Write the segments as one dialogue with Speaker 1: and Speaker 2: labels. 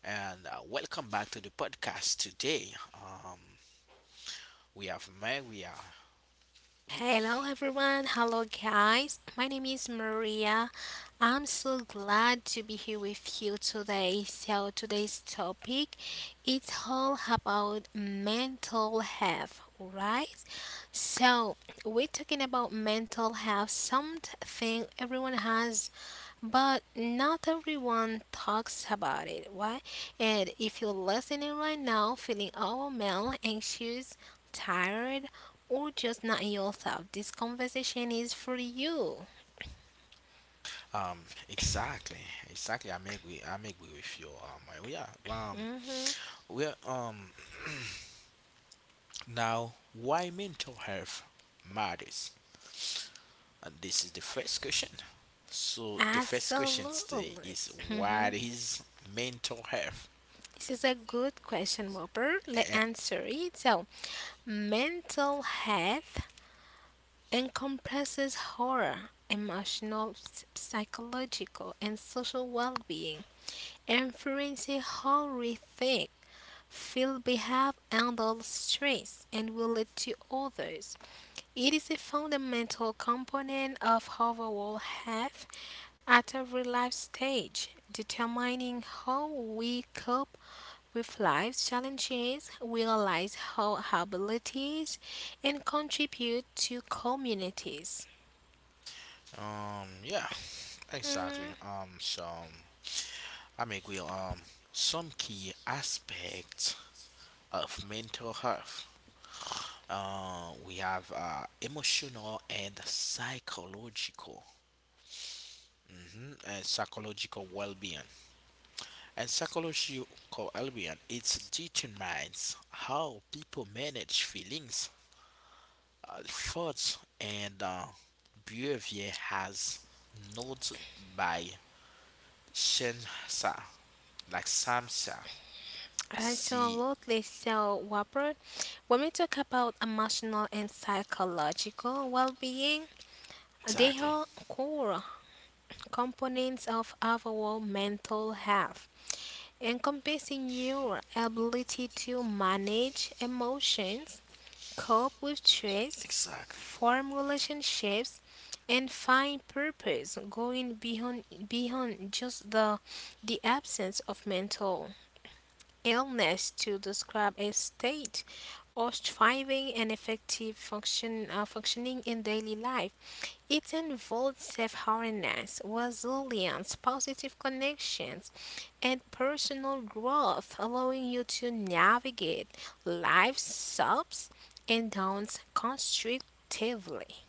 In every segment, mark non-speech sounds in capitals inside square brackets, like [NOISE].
Speaker 1: and welcome back to the podcast today. We have Meg. We are
Speaker 2: Hello everyone, hello guys. My name is Maria. I'm so glad to be here with you today. So today's topic it's all about mental health, right? So we're talking about mental health, something everyone has but not everyone talks about it, why? And if you're listening right now feeling overwhelmed, anxious, tired or just not yourself, this conversation is for you.
Speaker 1: um exactly, exactly. I make we with you. We are
Speaker 2: hmm
Speaker 1: we are [CLEARS THROAT] now why mental health matters, and this is the first question. So the first question today
Speaker 2: Absolutely.
Speaker 1: is, what
Speaker 2: hmm
Speaker 1: is mental health?
Speaker 2: This is a good question, Whopper. Let's answer it. So, mental health encompasses horror, emotional, psychological, and social well being, influencing how we think, feel, behave, handle stress, and relate to others. It is a fundamental component of overall health at every life stage, determining how we cope with life's challenges, realize our abilities, and contribute to communities.
Speaker 1: Yeah, exactly.
Speaker 2: Mhm.
Speaker 1: I mean, we some key aspects of mental health. We have emotional and psychological. And psychological well-being and psychological well-being, it determines how people manage feelings thoughts and behavior has noted by Shensa like Samsa see
Speaker 2: Absolutely. So, Whopper, when we talk about emotional and psychological well being, they
Speaker 1: exactly
Speaker 2: are core components of overall mental health, encompassing your ability to manage emotions, cope with stress,
Speaker 1: exactly
Speaker 2: form relationships, and find purpose, going beyond just the absence of mental illness to describe a state of striving and effective functioning in daily life. It involved self awareness, resilience, positive connections, and personal growth, allowing you to navigate life's ups and downs constructively.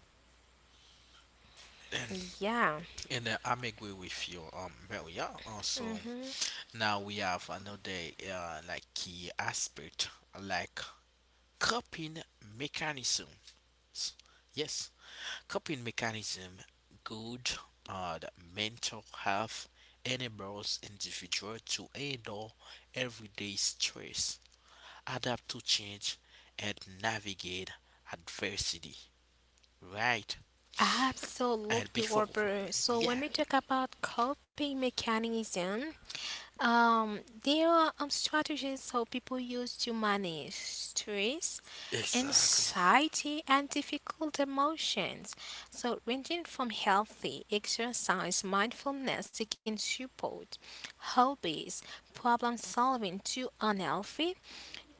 Speaker 1: and
Speaker 2: Yeah,
Speaker 1: And I'm agree with you, Maria. Also, now we have another like key aspect, like coping mechanisms. Yes, coping mechanism, good, the mental health enables individual to handle everyday stress, adapt to change, and navigate adversity. Right, and
Speaker 2: absolutely,
Speaker 1: before,
Speaker 2: Warper. So,
Speaker 1: yeah,
Speaker 2: when we talk about coping mechanism, Um, there are strategies how people use to manage stress,
Speaker 1: exactly.
Speaker 2: anxiety, and difficult emotions. So, ranging from healthy exercise, mindfulness, it can support hobbies, problem solving to unhealthy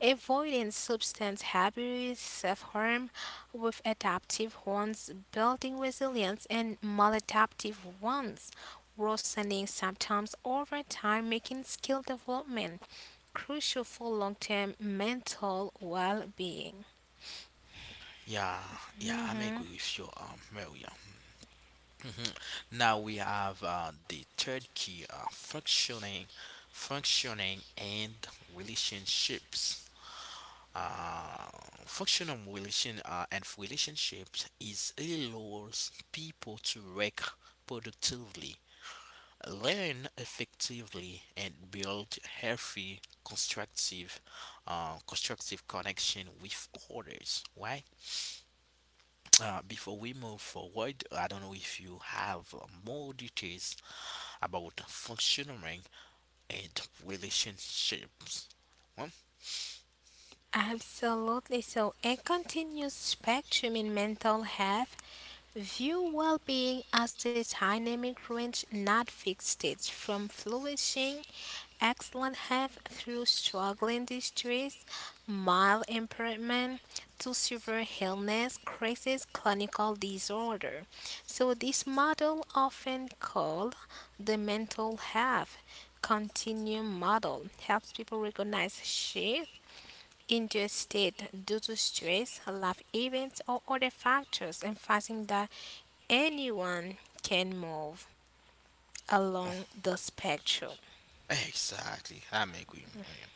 Speaker 2: avoiding substance abuse, self harm with adaptive ones, building resilience, and maladaptive ones, worsening symptoms over time, making skill development crucial for long term mental well being.
Speaker 1: Yeah, yeah, I'm
Speaker 2: hmm
Speaker 1: agree with you, Maria. Mhm. Now we have the third key, functioning, functioning and relationships. Uh, functional relation and relationships is allows people to work productively, learn effectively, and build healthy, constructive, constructive connection with others. Why? Before we move forward, I don't know if you have more details about functioning and relationships. Hmm?
Speaker 2: Absolutely. So, a continuous spectrum in mental health view well-being as a dynamic range, not fixed states, from flourishing, excellent health through struggling distress, mild impairment to severe illness, crisis, clinical disorder. So, this model, often called the mental health continuum model, helps people recognize shift into a state due to stress, life events, or other factors, emphasizing that anyone can move along the spectrum.
Speaker 1: Exactly, I'm agree. William.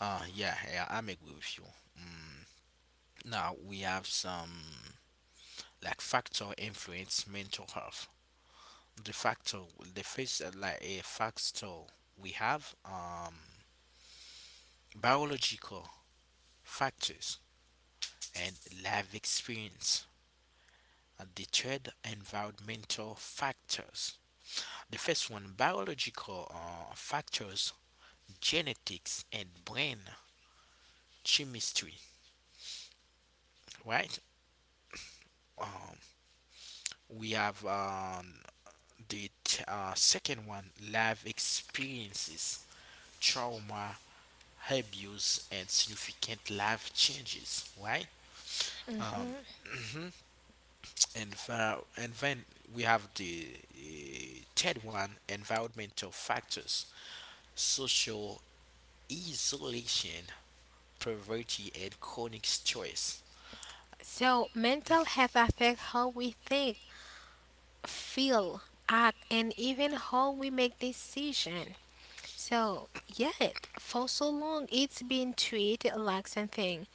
Speaker 1: Yeah, yeah, I'm agree with you. Mm. Now we have some like factor influence mental health. The factor, the first like a factor we have biological factors and life experience. The third, environmental factors. The first one, biological factors, genetics and brain chemistry, right? Um, we have the second one, life experiences, trauma, abuse, and significant life changes, right?
Speaker 2: Mhm.
Speaker 1: Um, and then we have the third one, environmental factors, social isolation, poverty and chronic stress.
Speaker 2: So, mental health affects how we think, feel, act, and even how we make decisions. So, yet, for so long, it's been treated like something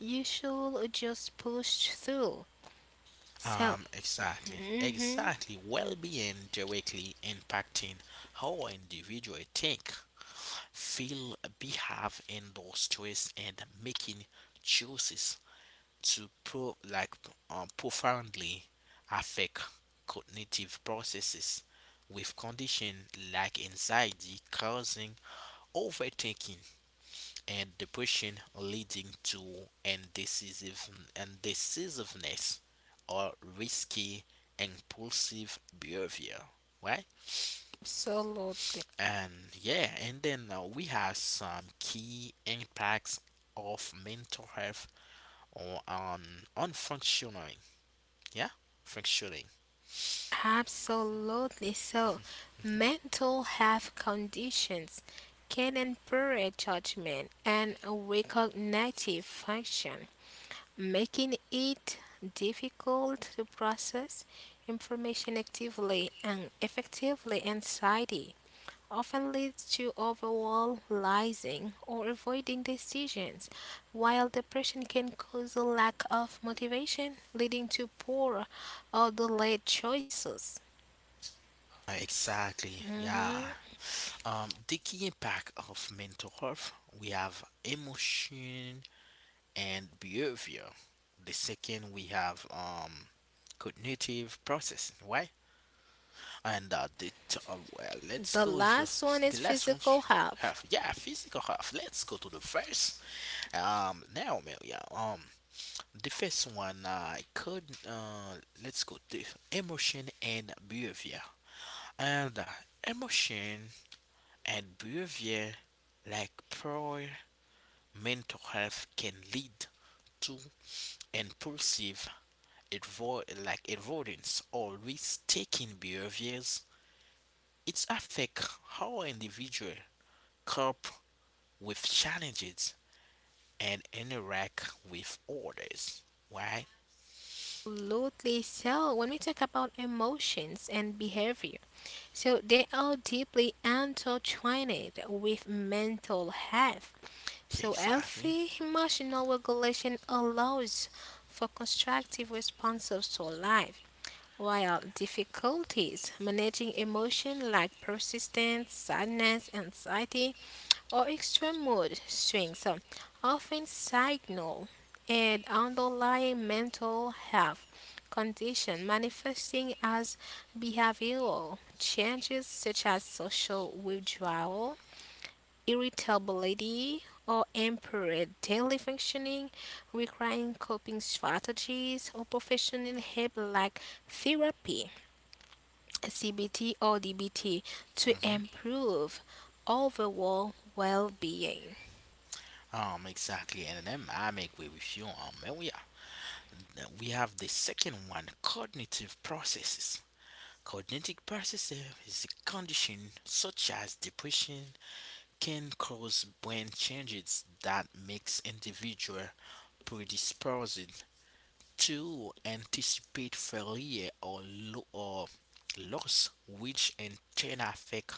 Speaker 2: you should just push through. So,
Speaker 1: Exactly,
Speaker 2: mhm,
Speaker 1: exactly. Well being directly impacting how an individual think, feel, behave in those stress and making choices to pro like profoundly affect cognitive processes with condition like anxiety causing overthinking and depression, leading to indecisive, indecisiveness or risky, impulsive behavior, right?
Speaker 2: absolutely.
Speaker 1: And yeah, and then we have some key impacts of mental health or on functioning, yeah, functioning.
Speaker 2: Absolutely. So, mental health conditions can impair judgment and cognitive function, making it difficult to process information actively and effectively. Anxiety often leads to overanalyzing or avoiding decisions, while depression can cause a lack of motivation, leading to poor or delayed choices.
Speaker 1: Exactly, yeah.
Speaker 2: hmm
Speaker 1: The key impact of mental health, we have emotion, and behavior. The second we have cognitive processing, right? And the t- well, let's
Speaker 2: The
Speaker 1: go with
Speaker 2: last one
Speaker 1: the
Speaker 2: is
Speaker 1: last one.
Speaker 2: physical health.
Speaker 1: Health, [LAUGHS] yeah, physical health. Let's go to the first. Now, Melia. The first one I could let's go to emotion and behavior. And emotion and behavior, like power mental health can lead to impulsive avoidance or risk-taking behaviors. It affects how individuals cope with challenges and interact with others. Why?
Speaker 2: Absolutely. So, when we talk about emotions and behavior, so they are deeply intertwined with mental health. So,
Speaker 1: Exactly.
Speaker 2: healthy emotional regulation allows for constructive responses to life, while difficulties managing emotion like persistence, sadness, anxiety, or extreme mood swings, often signal an underlying mental health condition manifesting as behavioral changes such as social withdrawal, irritability, or impaired daily functioning, requiring coping strategies or professional help like therapy, CBT, or DBT to improve overall well being.
Speaker 1: Exactly, and then I make way with you. And we are, we have the second one, cognitive processes. Cognitive processes is a condition such as depression, can cause brain changes that makes individual predisposed to anticipate failure or, or loss, which in turn affect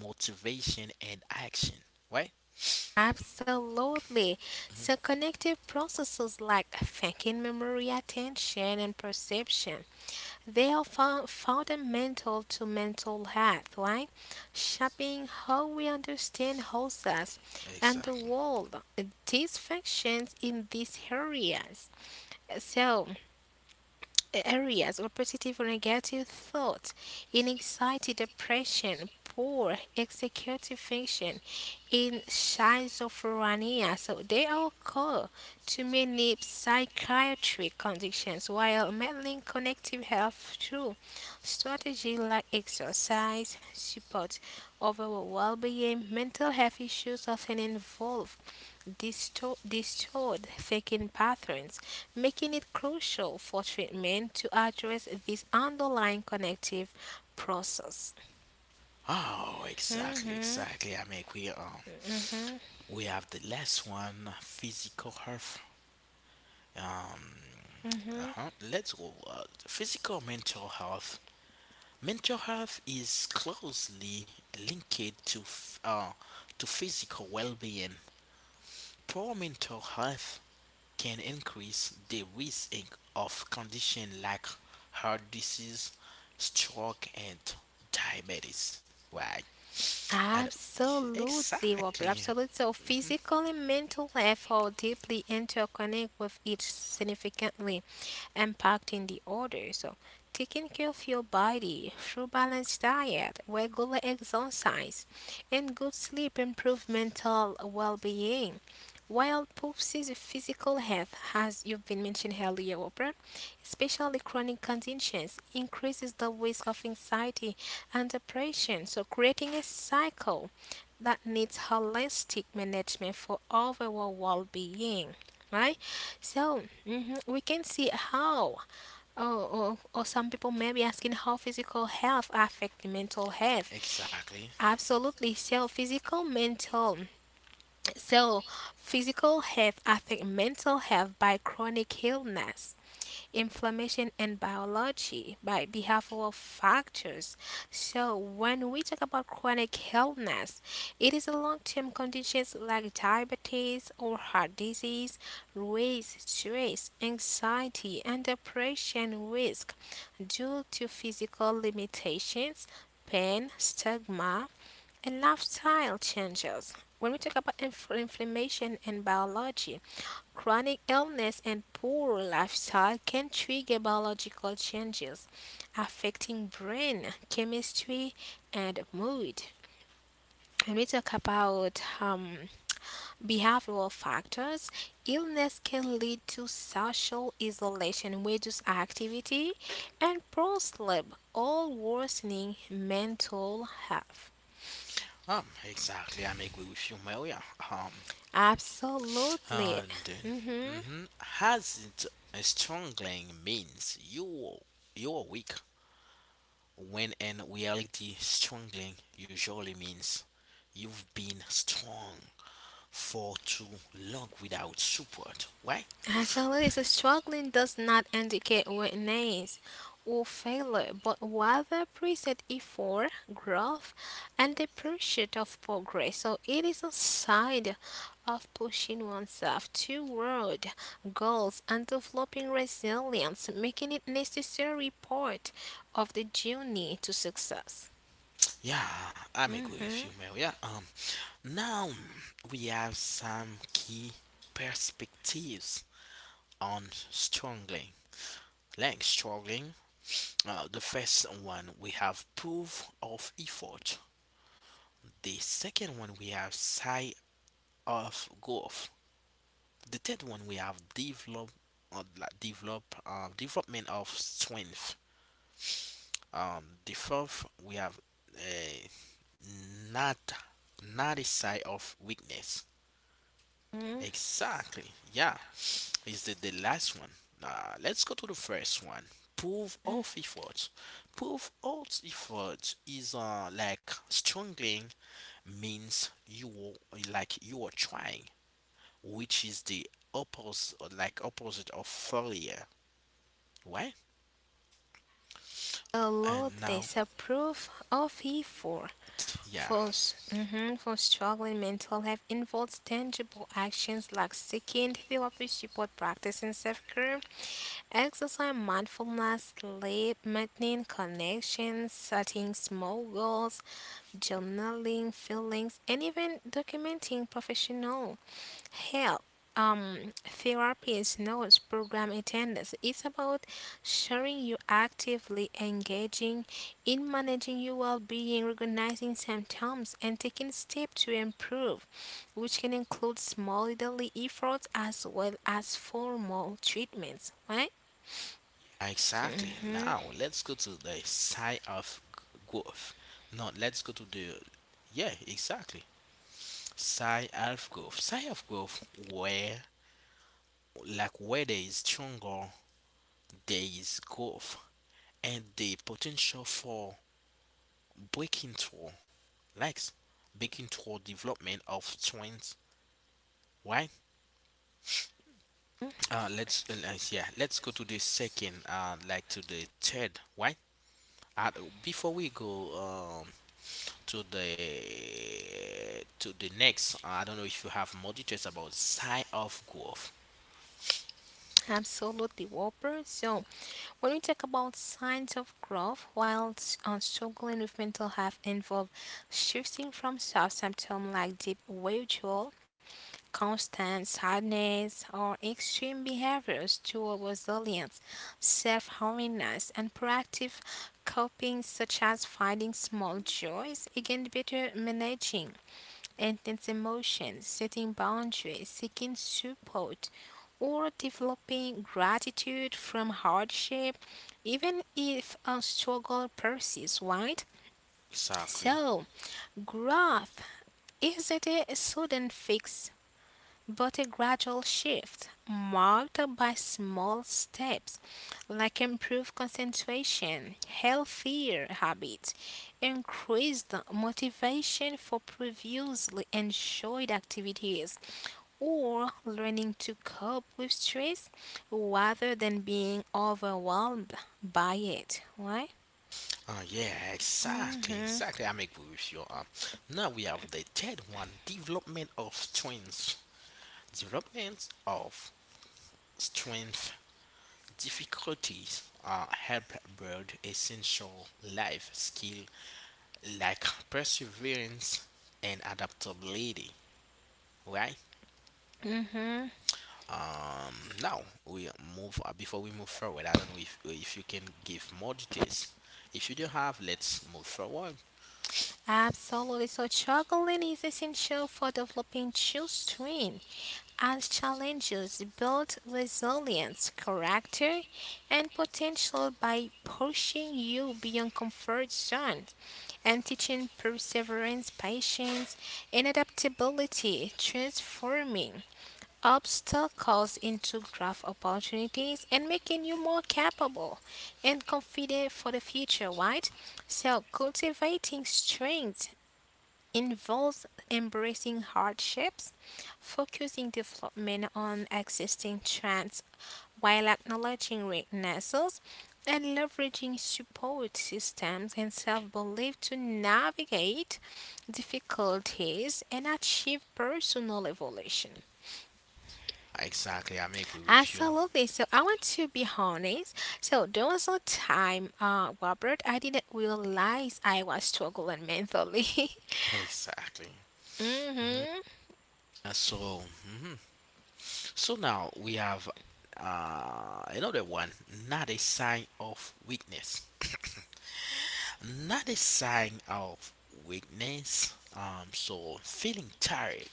Speaker 1: motivation and action. Right?
Speaker 2: Absolutely. So, cognitive processes like thinking, memory, attention, and perception, they are fundamental to mental health, right? Shaping how we understand ourselves and the
Speaker 1: Exactly.
Speaker 2: world. These functions in these areas. So, areas or positive or negative thoughts in anxiety, depression, poor executive function, in schizophrenia. So they all call to many psychiatric conditions while meddling connective health through strategies like exercise, support, overall well-being, mental health issues often involve distorted thinking patterns making it crucial for treatment to address this underlying connective process.
Speaker 1: Oh, exactly,
Speaker 2: Mm-hmm.
Speaker 1: exactly. I mean, we we have the last one, physical health. Um, uh-huh. Let's go. Physical mental health Mental health is closely linked to physical well-being. Poor mental health can increase the risk of conditions like heart disease, stroke, and diabetes. Why? And
Speaker 2: Absolutely, Robert.
Speaker 1: exactly,
Speaker 2: Absolutely. So,
Speaker 1: [LAUGHS] mhm,
Speaker 2: physical and mental health are deeply interconnected, with each, significantly impacting the other. So, taking care of your body through balanced diet, regular exercise, and good sleep improve mental well-being. While poses physical health, as you've been mentioned earlier, Robert, especially chronic conditions, increases the risk of anxiety and depression, so creating a cycle that needs holistic management for overall well-being. Right, so mhm, we can see how, oh, or some people may be asking how physical health affect the mental health.
Speaker 1: exactly,
Speaker 2: Absolutely, so physical, mental, so physical health affect mental health by chronic illness inflammation and biology by behavioral factors. So when we talk about chronic illness, it is a long-term conditions like diabetes or heart disease, raise stress, anxiety, and depression risk due to physical limitations, pain, stigma, and lifestyle changes. When we talk about inflammation and biology, chronic illness and poor lifestyle can trigger biological changes affecting brain chemistry and mood. When we talk about behavioral factors, illness can lead to social isolation, reduced activity, and poor sleep, all worsening mental health.
Speaker 1: exactly. I'm agree with you, Maria. Um,
Speaker 2: Absolutely.
Speaker 1: Hounding
Speaker 2: Mhm.
Speaker 1: mhm, has it a strongly means you are weak when in reality strongly usually means you've been strong for too long without support, right?
Speaker 2: Absolutely, so struggling does not indicate weakness or failure, but rather present effort, growth, and the pursuit of progress. So it is a side of pushing oneself toward goals and developing resilience, making it necessary part of the journey to success.
Speaker 1: yeah, I'm agree
Speaker 2: Mhm.
Speaker 1: with you, maria. Now we have some key perspectives on struggling, like struggling. The first one we have proof of effort. The second one we have side of growth. The third one we have develop, development of strength. The fourth we have uh, not not a side of weakness. Exactly. Yeah, is the last one. Let's go to the first one. Proof of effort. Proof of effort is like struggling means you are like you are trying, which is the opposite of failure, right? and
Speaker 2: Absolutely,
Speaker 1: now
Speaker 2: it's a proof of effort.
Speaker 1: t- yeah
Speaker 2: For, mhm, for struggling mental health involves tangible actions like seeking therapy support, practicing self-care, exercise, mindfulness, sleep, maintaining connections, setting small goals, journaling feelings, and even documenting professional help, therapy is not program attendance. It's about sharing you actively engaging in managing your well-being, recognizing symptoms, and taking steps to improve, which can include small daily efforts as well as formal treatments. Right?
Speaker 1: exactly,
Speaker 2: Mhm.
Speaker 1: now let's go to the growth. No let's go to the yeah exactly side of growth, side of growth where like where there is stronger there is growth and the potential for breaking through like breaking through development of trends, why? Let's go to the second, like to the third, right? Uh, before we go to the next, I don't know if you have more details about sign of growth.
Speaker 2: Absolutely, Whopper. So, when we talk about signs of growth while struggling with mental health, involve shifting from soft symptom like deep withdrawal, constant sadness, or extreme behaviors to a resilience, self awareness, and proactive coping, such as finding small joys, again, better managing intense emotions, setting boundaries, seeking support, or developing gratitude from hardship, even if a struggle persists, right?
Speaker 1: Exactly.
Speaker 2: So, growth isn't a sudden fix but a gradual shift marked by small steps like improved concentration, healthier habits, increased motivation for previously enjoyed activities, or learning to cope with stress rather than being overwhelmed by it. Why?
Speaker 1: Yeah, exactly, exactly. I'm agree with you. Now we have the third one, development of strengths. Development of strength difficulties help build essential life skill like perseverance and adaptability, right?
Speaker 2: hmm
Speaker 1: Now we move before we move forward. I don't know if you can give more details. If you do have, let's move forward.
Speaker 2: Absolutely. So, juggling is essential for developing children as challenges build resilience, character, and potential by pushing you beyond comfort zones and teaching perseverance, patience, and adaptability, transforming obstacles into growth opportunities and making you more capable and confident for the future, right? So, cultivating strength involves embracing hardships, focusing development on existing trends while acknowledging weaknesses and leveraging support systems and self belief to navigate difficulties and achieve personal evolution.
Speaker 1: Exactly, I'm agree with you.
Speaker 2: Absolutely. So I want to be honest. So there was a time, Robert, I didn't realize I was struggling mentally. [LAUGHS]
Speaker 1: Exactly. Mhm.
Speaker 2: Mm-hmm.
Speaker 1: Mhm. so now we have another one. Not a sign of weakness. Not a sign of weakness. So feeling tired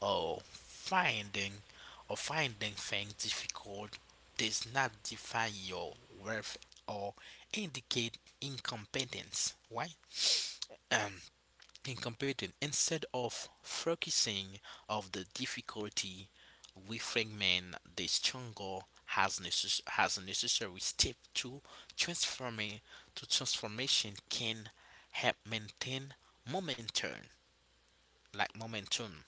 Speaker 1: or finding or finding things difficult does not define your worth or indicate incompetence. Why? Um, incompetent. Instead of focusing of the difficulty, we fragment the stronger has necess- has a necessary step to transforming to transformation can help maintain momentum, like momentum.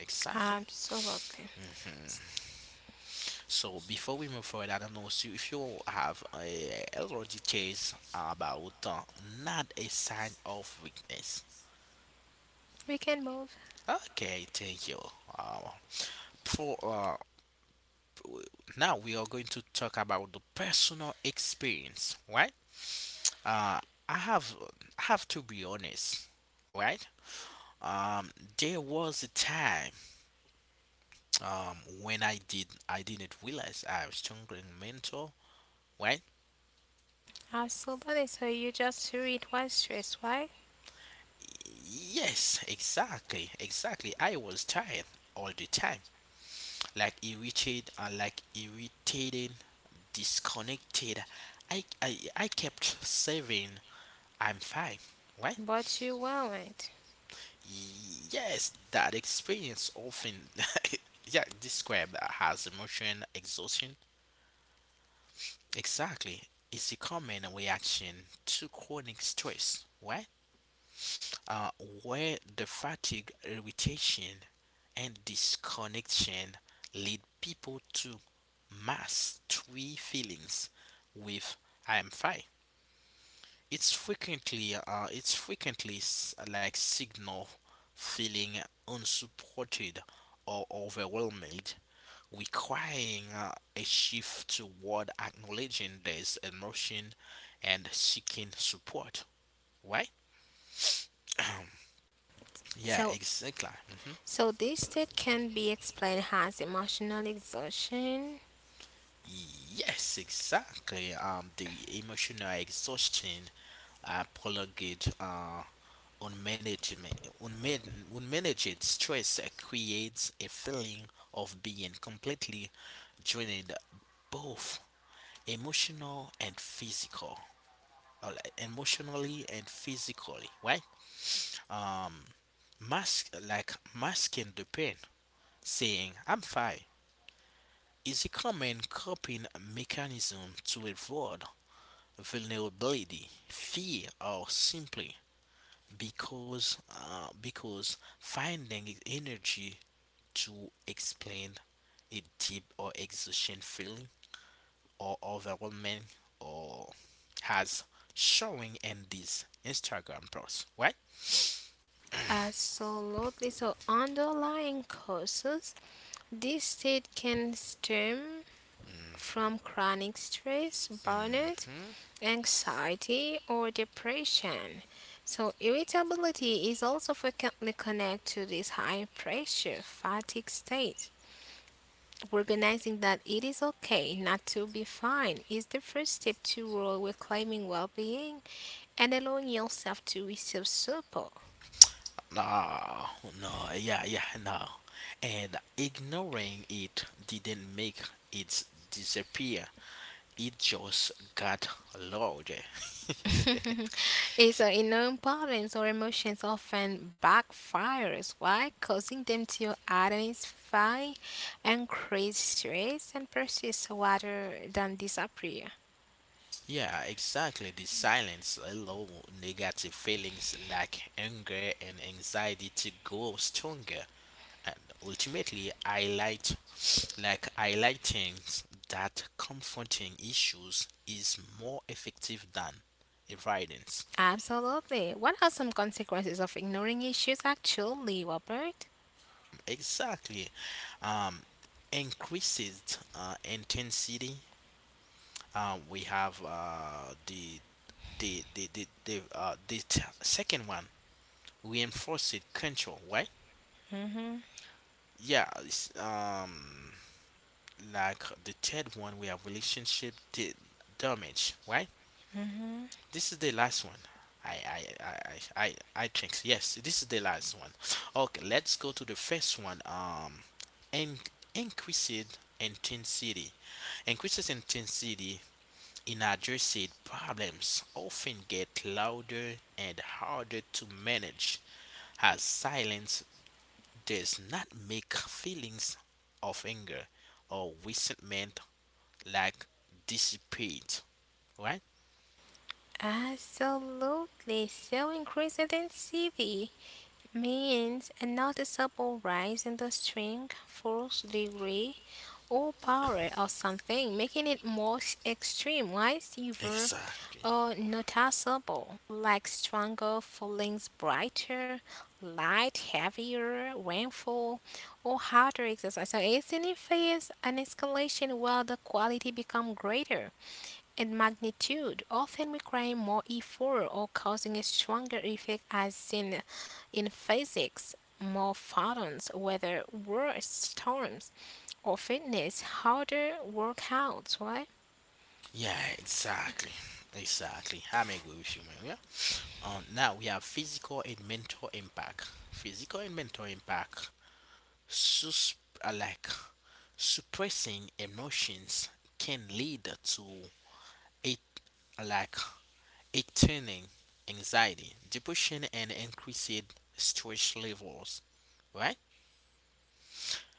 Speaker 1: Exactly.
Speaker 2: Absolutely.
Speaker 1: So before we move forward, I don't know so if you have a, already little about not a sign of weakness.
Speaker 2: We can move.
Speaker 1: Okay, thank you. Uh, for uh, w- now we are going to talk about the personal experience, right? Uh, I have I have to be honest, right? Um, there was a time um when I didn't realize I was struggling mental, right?
Speaker 2: Absolutely. So you just threw it was stress, right?
Speaker 1: Yes, exactly, exactly. I was tired all the time, like irritated and like irritated, disconnected. I kept saying I'm fine, right?
Speaker 2: But you weren't.
Speaker 1: Yes, that experience often, [LAUGHS] yeah, described as emotion exhaustion. Exactly, it's a common reaction to chronic stress, right? uh, where the fatigue, irritation, and disconnection lead people to mask three feelings with I am fine. It's frequently s- like signal feeling unsupported or overwhelmed, requiring a shift toward acknowledging this emotion and seeking support. Right? Yeah,
Speaker 2: So
Speaker 1: exactly. Mhm.
Speaker 2: So this state can be explained as emotional exhaustion.
Speaker 1: Yes, exactly. The emotional exhaustion prolonged unmanaged, unmanaged stress creates a feeling of being completely drained, both emotional and physical, or like emotionally and physically, right? Um, masking the pain, saying "I'm fine" is a common coping mechanism to avoid vulnerability, fear, or simply because finding energy to explain a deep or exhaustion feeling or overwhelming or has showing in this Instagram post, right? [CLEARS THROAT]
Speaker 2: Absolutely. So underlying causes, this state can stem from chronic stress, burnout,
Speaker 1: Mhm.
Speaker 2: anxiety, or depression. So irritability is also frequently connected to this high pressure fatigue state. Recognizing that it is okay not to be fine is the first step toward reclaiming well-being and allowing yourself to receive support.
Speaker 1: [COUGHS] No, no, yeah, yeah, no. And ignoring it didn't make it disappear. It just got louder.
Speaker 2: It's ignoring problems or emotions often backfires. Why? Causing them to identify, increase stress, and persist rather than disappear.
Speaker 1: Yeah, exactly. The silence allow negative feelings like anger and anxiety to grow stronger and ultimately highlight like highlighting that confronting issues is more effective than avoidance.
Speaker 2: Absolutely. What are some consequences of ignoring issues actually, Robert?
Speaker 1: Exactly. Um, increases intensity. We have the t- second one, reinforced control, right?
Speaker 2: Mm-hmm.
Speaker 1: yeah it's, like the third one we have damage, right?
Speaker 2: Mm-hmm.
Speaker 1: this is the last one. I, I, I, I, I I think so. Yes this is the last one. Okay let's go to the first one. In- increased intensity, increases intensity. Unaddressed problems often get louder and harder to manage, as silence does not make feelings of anger or resentment like dissipate, right?
Speaker 2: Absolutely. So increased intensity means a noticeable rise in the strength, force, degree, or power of something, making it more extreme, wide, severe,
Speaker 1: Exactly.
Speaker 2: or noticeable, like stronger feelings, brighter, light, heavier, rainfall, or harder exercise. So it signifies an escalation while the quality become greater and magnitude, often requiring more effort or causing a stronger effect, as seen in physics. More photons, whether worse storms or fitness, harder workouts, right?
Speaker 1: Yeah, exactly. Exactly. I'm agree with you, man. Yeah. Now we have physical and mental impact. Physical and mental impact sus- uh, like suppressing emotions can lead to a like a turning anxiety, depression, and increased stress levels, right?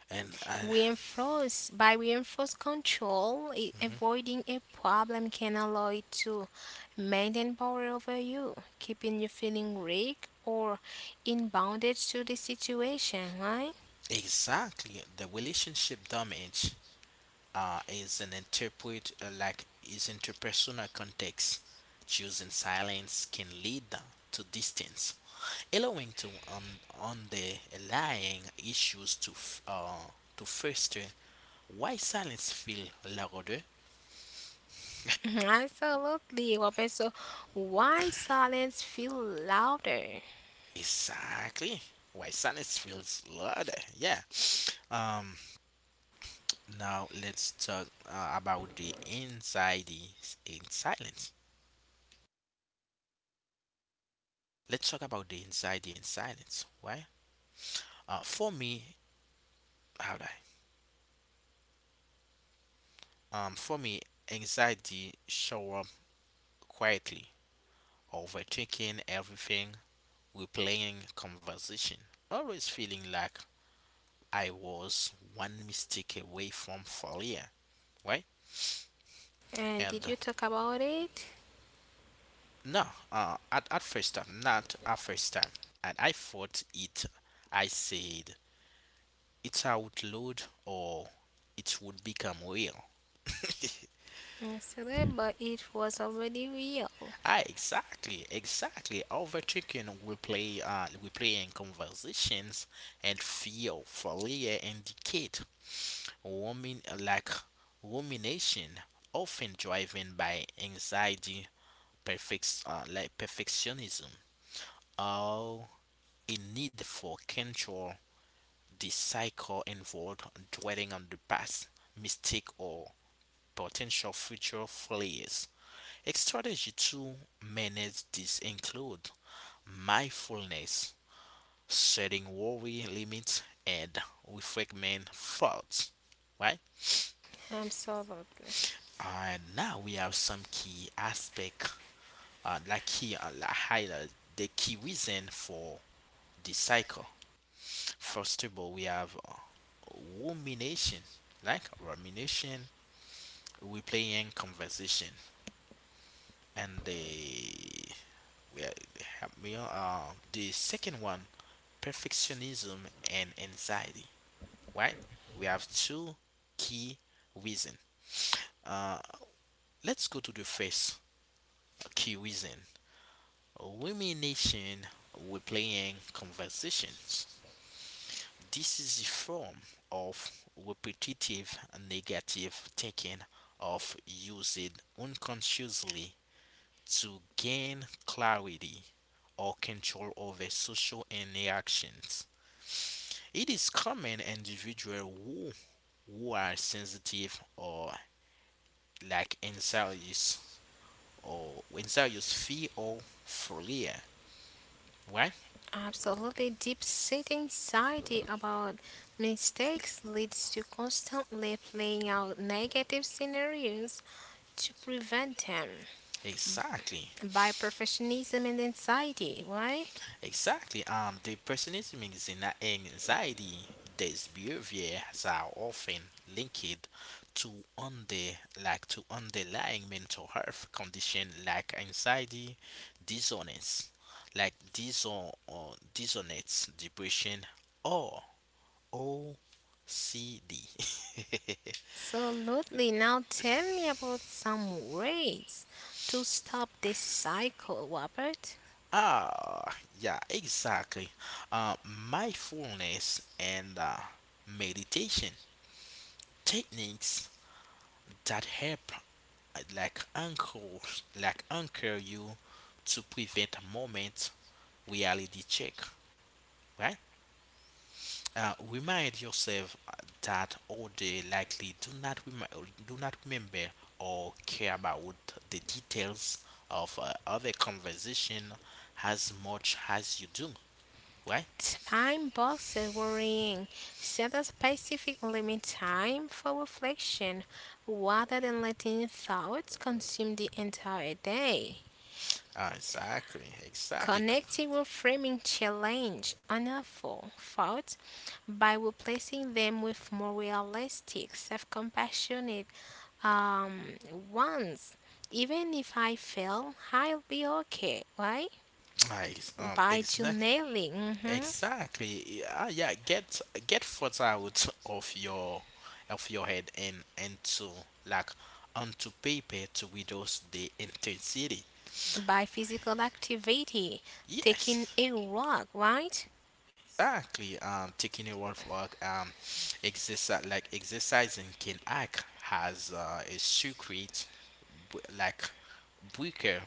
Speaker 1: And
Speaker 2: Reinforce by reinforce control,
Speaker 1: mhm.
Speaker 2: avoiding a problem can allow it to maintain power over you, keeping you feeling weak or in bondage to the situation, right?
Speaker 1: exactly the relationship damage is an interpret like is interpersonal context. Choosing silence can lead to distance, allowing to underlying issues to foster, why silence feel louder.
Speaker 2: Mhm, absolutely, Robin. So, why silence feel louder?
Speaker 1: Exactly. Why silence feels louder. Yeah. Um. Now let's talk about the anxiety in silence. Let's talk about the anxiety in silence. Why? For me, how do I? For me, anxiety show up quietly, overthinking everything, we're playing conversation, always feeling like I was one mistake away from failure, right?
Speaker 2: And
Speaker 1: And
Speaker 2: did you talk about it?
Speaker 1: no, at first time, not at first time. And I thought it, I said, it's outlawed or it would become real. [LAUGHS]
Speaker 2: Absolutely, but it was already real.
Speaker 1: Ah, exactly, exactly. Overthinking will play we play in conversations and fear failure indicate women like rumination, often driven by anxiety, perfectionism, or a need for control. This cycle involved dwelling on the past, mistake, or potential future failures. A strategy to manage this include mindfulness, setting worry limits, and reframing thoughts. Right?
Speaker 2: Absolutely.
Speaker 1: And now we have some key aspect, like key like highlight the key reason for the cycle. First of all, we have rumination, like rumination, replaying conversation, and the we have me the second one, perfectionism and anxiety. Right? We have two key reason. Uh, let's go to the first key reason. Rumination, replaying conversations. This is a form of repetitive negative thinking of using unconsciously to gain clarity or control over social interactions. It is common individuals who are sensitive like anxious or anxious fear or phobia, right?
Speaker 2: Absolutely, deep-seated anxiety about mistakes leads to constantly playing out negative scenarios to prevent them
Speaker 1: Exactly.
Speaker 2: by perfectionism and anxiety. Why?
Speaker 1: Exactly. Depressionism is an anxiety. These behaviors are often linked to under to underlying mental health condition like anxiety, dissonance, like diso or dissonance, depression, or OCD. [LAUGHS]
Speaker 2: Absolutely. Now tell me about some ways to stop this cycle, Robert.
Speaker 1: Yeah, exactly. Mindfulness and meditation techniques that help like anchor, anchor you to prevent moment, reality check, right? Remind yourself that all they likely do not remember or care about the details of other conversation as much as you do, right?
Speaker 2: Time boxes worrying. Set a specific limit time for reflection rather than letting thoughts consume the entire day.
Speaker 1: Exactly, exactly.
Speaker 2: Connecting with framing challenge unhelpful thoughts by replacing them with more realistic, self compassionate um, ones. Even if I fail, I'll be okay, right?
Speaker 1: Nice.
Speaker 2: By
Speaker 1: Exactly.
Speaker 2: journaling, mhm,
Speaker 1: Exactly. Yeah, yeah. Get thoughts out of your head, and to like onto paper to reduce the intensity.
Speaker 2: by physical activity, taking
Speaker 1: Yes.
Speaker 2: a walk, right?
Speaker 1: Exactly. Taking a walk, exercise, like exercising can act as a secret, b- like breaker,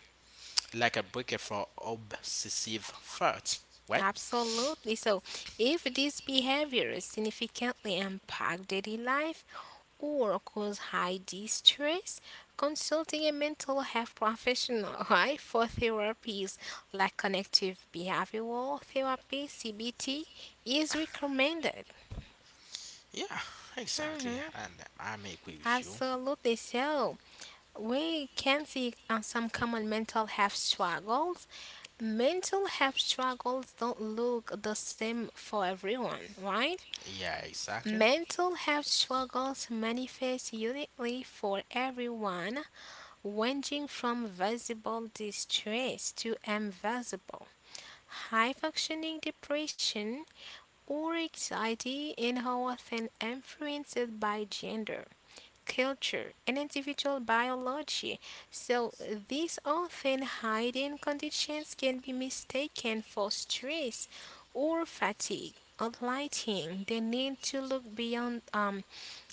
Speaker 1: like a breaker for obsessive thoughts. Right?
Speaker 2: Absolutely. So, if these behaviors significantly impact daily life or cause high distress, consulting a mental health professional, [LAUGHS] right, for therapies like cognitive behavioral therapy (CBT) is recommended.
Speaker 1: Yeah. Exactly.
Speaker 2: Mhm.
Speaker 1: And I am agree with you.
Speaker 2: Absolutely. So, we can see some common mental health struggles. Mental health struggles don't look the same for everyone, right?
Speaker 1: Yeah. Exactly.
Speaker 2: Mental health struggles manifest uniquely for everyone, ranging from visible distress to invisible, high functioning depression or anxiety, and are often influenced by gender, culture, and individual biology. So, these often hidden conditions can be mistaken for stress or fatigue, highlighting the need to look beyond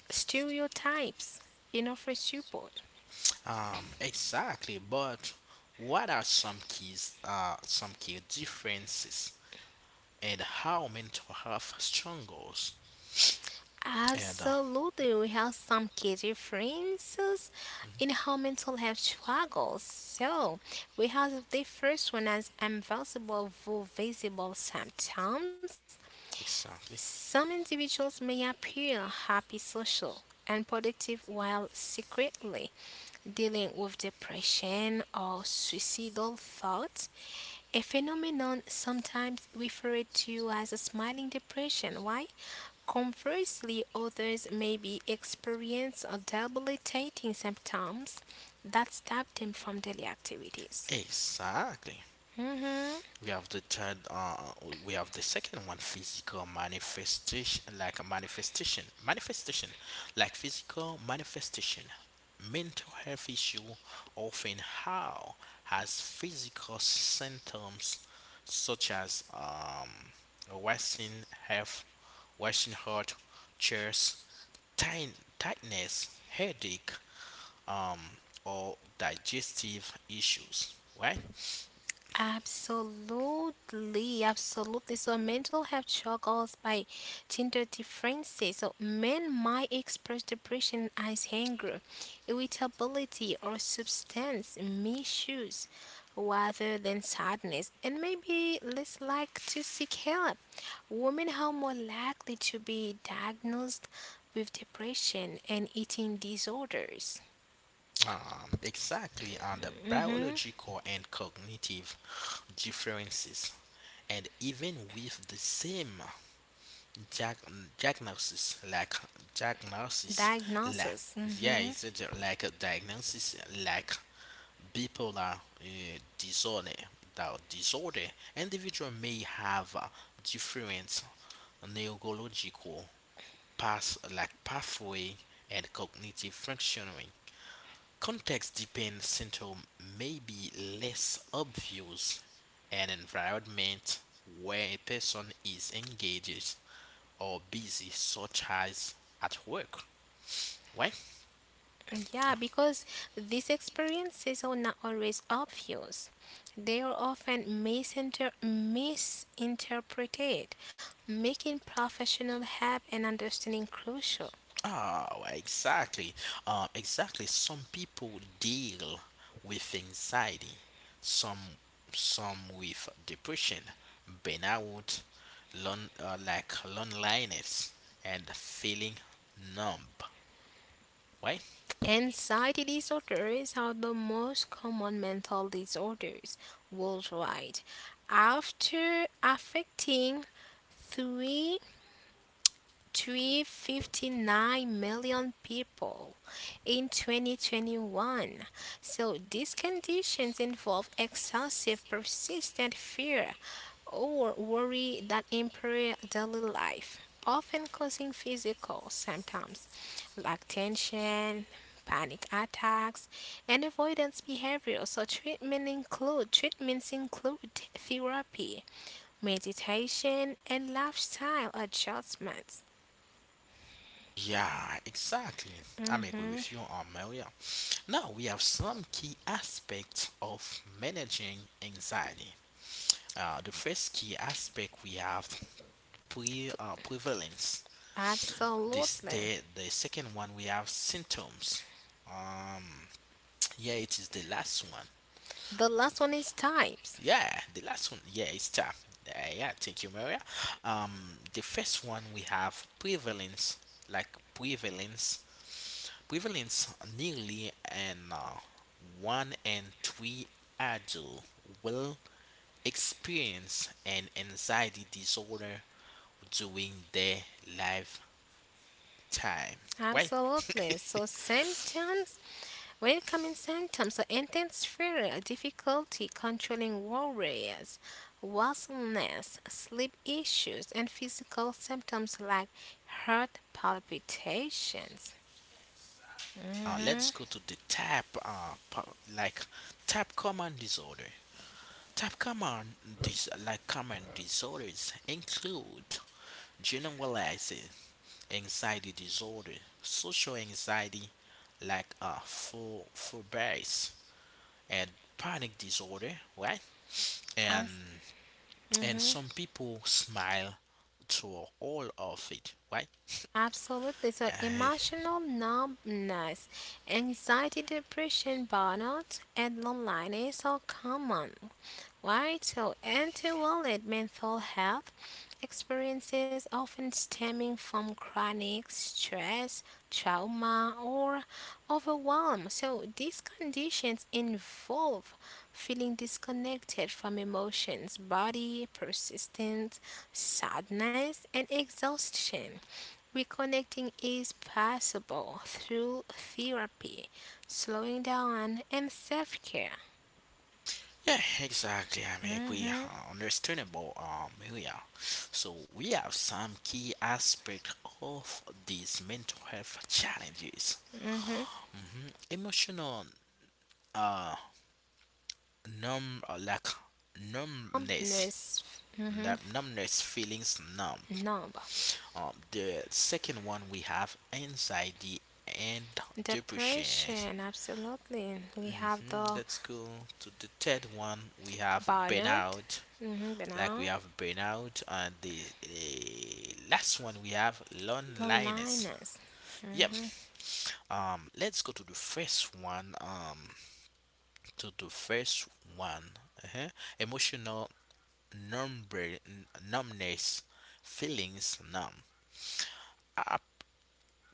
Speaker 2: stereotypes and offer support.
Speaker 1: Exactly, but what are some key differences and how mental health struggles? And
Speaker 2: Absolutely, we have some key differences in how mental health struggles. So, we have the first one as invisible though visible symptoms.
Speaker 1: exactly,
Speaker 2: Some individuals may appear happy, social, and productive while secretly dealing with depression or suicidal thoughts a phenomenon sometimes referred to as a smiling depression. Why? Conversely, others may be experience or debilitating symptoms that stop them from daily activities.
Speaker 1: exactly.
Speaker 2: Mhm.
Speaker 1: We have the third, we have the second one, physical manifestation, like a manifestation, manifestation, like physical manifestation. Mental health issue often how has physical symptoms such as wasting health, wasting heart, chest tight, tightness, headache, um, or digestive issues. Why?
Speaker 2: Absolutely, absolutely. So mental health struggles by gender differences. So men might express depression as anger, irritability, or substance misuse rather than sadness, and maybe less like to seek help. Women are more likely to be diagnosed with depression and eating disorders.
Speaker 1: Exactly on the
Speaker 2: Mm-hmm.
Speaker 1: biological and cognitive differences, and even with the same diag- diagnosis, like diagnosis, like
Speaker 2: Diagnosis.
Speaker 1: yeah,
Speaker 2: Mm-hmm.
Speaker 1: it's a, di- like a diagnosis, like bipolar disorder. The disorder individual may have different neurological pathway and cognitive functioning. Context dependent syndrome may be less obvious. An environment where a person is engaged or busy, such as at work, right?
Speaker 2: Yeah, because these experiences are not always obvious. They are often misinterpreted, making professional help and understanding crucial.
Speaker 1: Oh, exactly. Exactly. Some people deal with anxiety, some, some with depression, burnout, loneliness, and feeling numb, right?
Speaker 2: Anxiety disorders are the most common mental disorders worldwide, after affecting 3 359 million people in 2021. So these conditions involve excessive, persistent fear or worry that impair daily life, often causing physical symptoms like tension, panic attacks, and avoidance behavior. So treatments include therapy, meditation, and lifestyle adjustments.
Speaker 1: Yeah, exactly. I'm agree
Speaker 2: Mhm.
Speaker 1: with you on Maria. Now we have some key aspects of managing anxiety. The first key aspect we have prevalence. This,
Speaker 2: Absolutely.
Speaker 1: the second one we have symptoms. Um, yeah, it is the last one.
Speaker 2: The last one is types.
Speaker 1: Yeah, the last one. Yeah, it's tough. Yeah, thank you, Maria. The first one we have prevalence, like prevalence. prevalence nearly and one in three adults will experience an anxiety disorder during their lifetime. Right?
Speaker 2: Absolutely. So
Speaker 1: [LAUGHS]
Speaker 2: symptoms, when it comes in symptoms, so intense fear, difficulty controlling worries, wakefulness, sleep issues, and physical symptoms like heart palpitations.
Speaker 1: Let's go
Speaker 2: Mm-hmm.
Speaker 1: to the type, po- like type common disorder. Type common common disorders include generalized anxiety disorder, social anxiety phobias and panic disorder, right?
Speaker 2: As,
Speaker 1: And and
Speaker 2: mm-hmm.
Speaker 1: some people smile to all of it, right?
Speaker 2: Absolutely. So
Speaker 1: Uh,
Speaker 2: emotional numbness, anxiety, depression, burnout, and loneliness are common. Right? So anti-wallet mental health experiences often stemming from chronic stress, trauma, or overwhelm. So these conditions involve feeling disconnected from emotions, body, persistent sadness, and exhaustion. Reconnecting is possible through therapy, slowing down, and self care.
Speaker 1: yeah, exactly. I mean, we
Speaker 2: Hmm.
Speaker 1: are understandable. We are. So we have some key aspect of these mental health challenges. Emotional uh numb uh, like numbness,
Speaker 2: Numbness. Hmm.
Speaker 1: that numbness feelings numb.
Speaker 2: Numb.
Speaker 1: The second one we have anxiety and depression.
Speaker 2: Depression, absolutely. We have the
Speaker 1: That's cool. To the third one we have
Speaker 2: burnout,
Speaker 1: burnout.
Speaker 2: hmm,
Speaker 1: Like we
Speaker 2: burnout,
Speaker 1: have burnout, and the last one we have loneliness.
Speaker 2: loneliness.
Speaker 1: Yep. Let's go to the first one. To the first one. Uh-huh. Emotional number numbness, feelings numb. I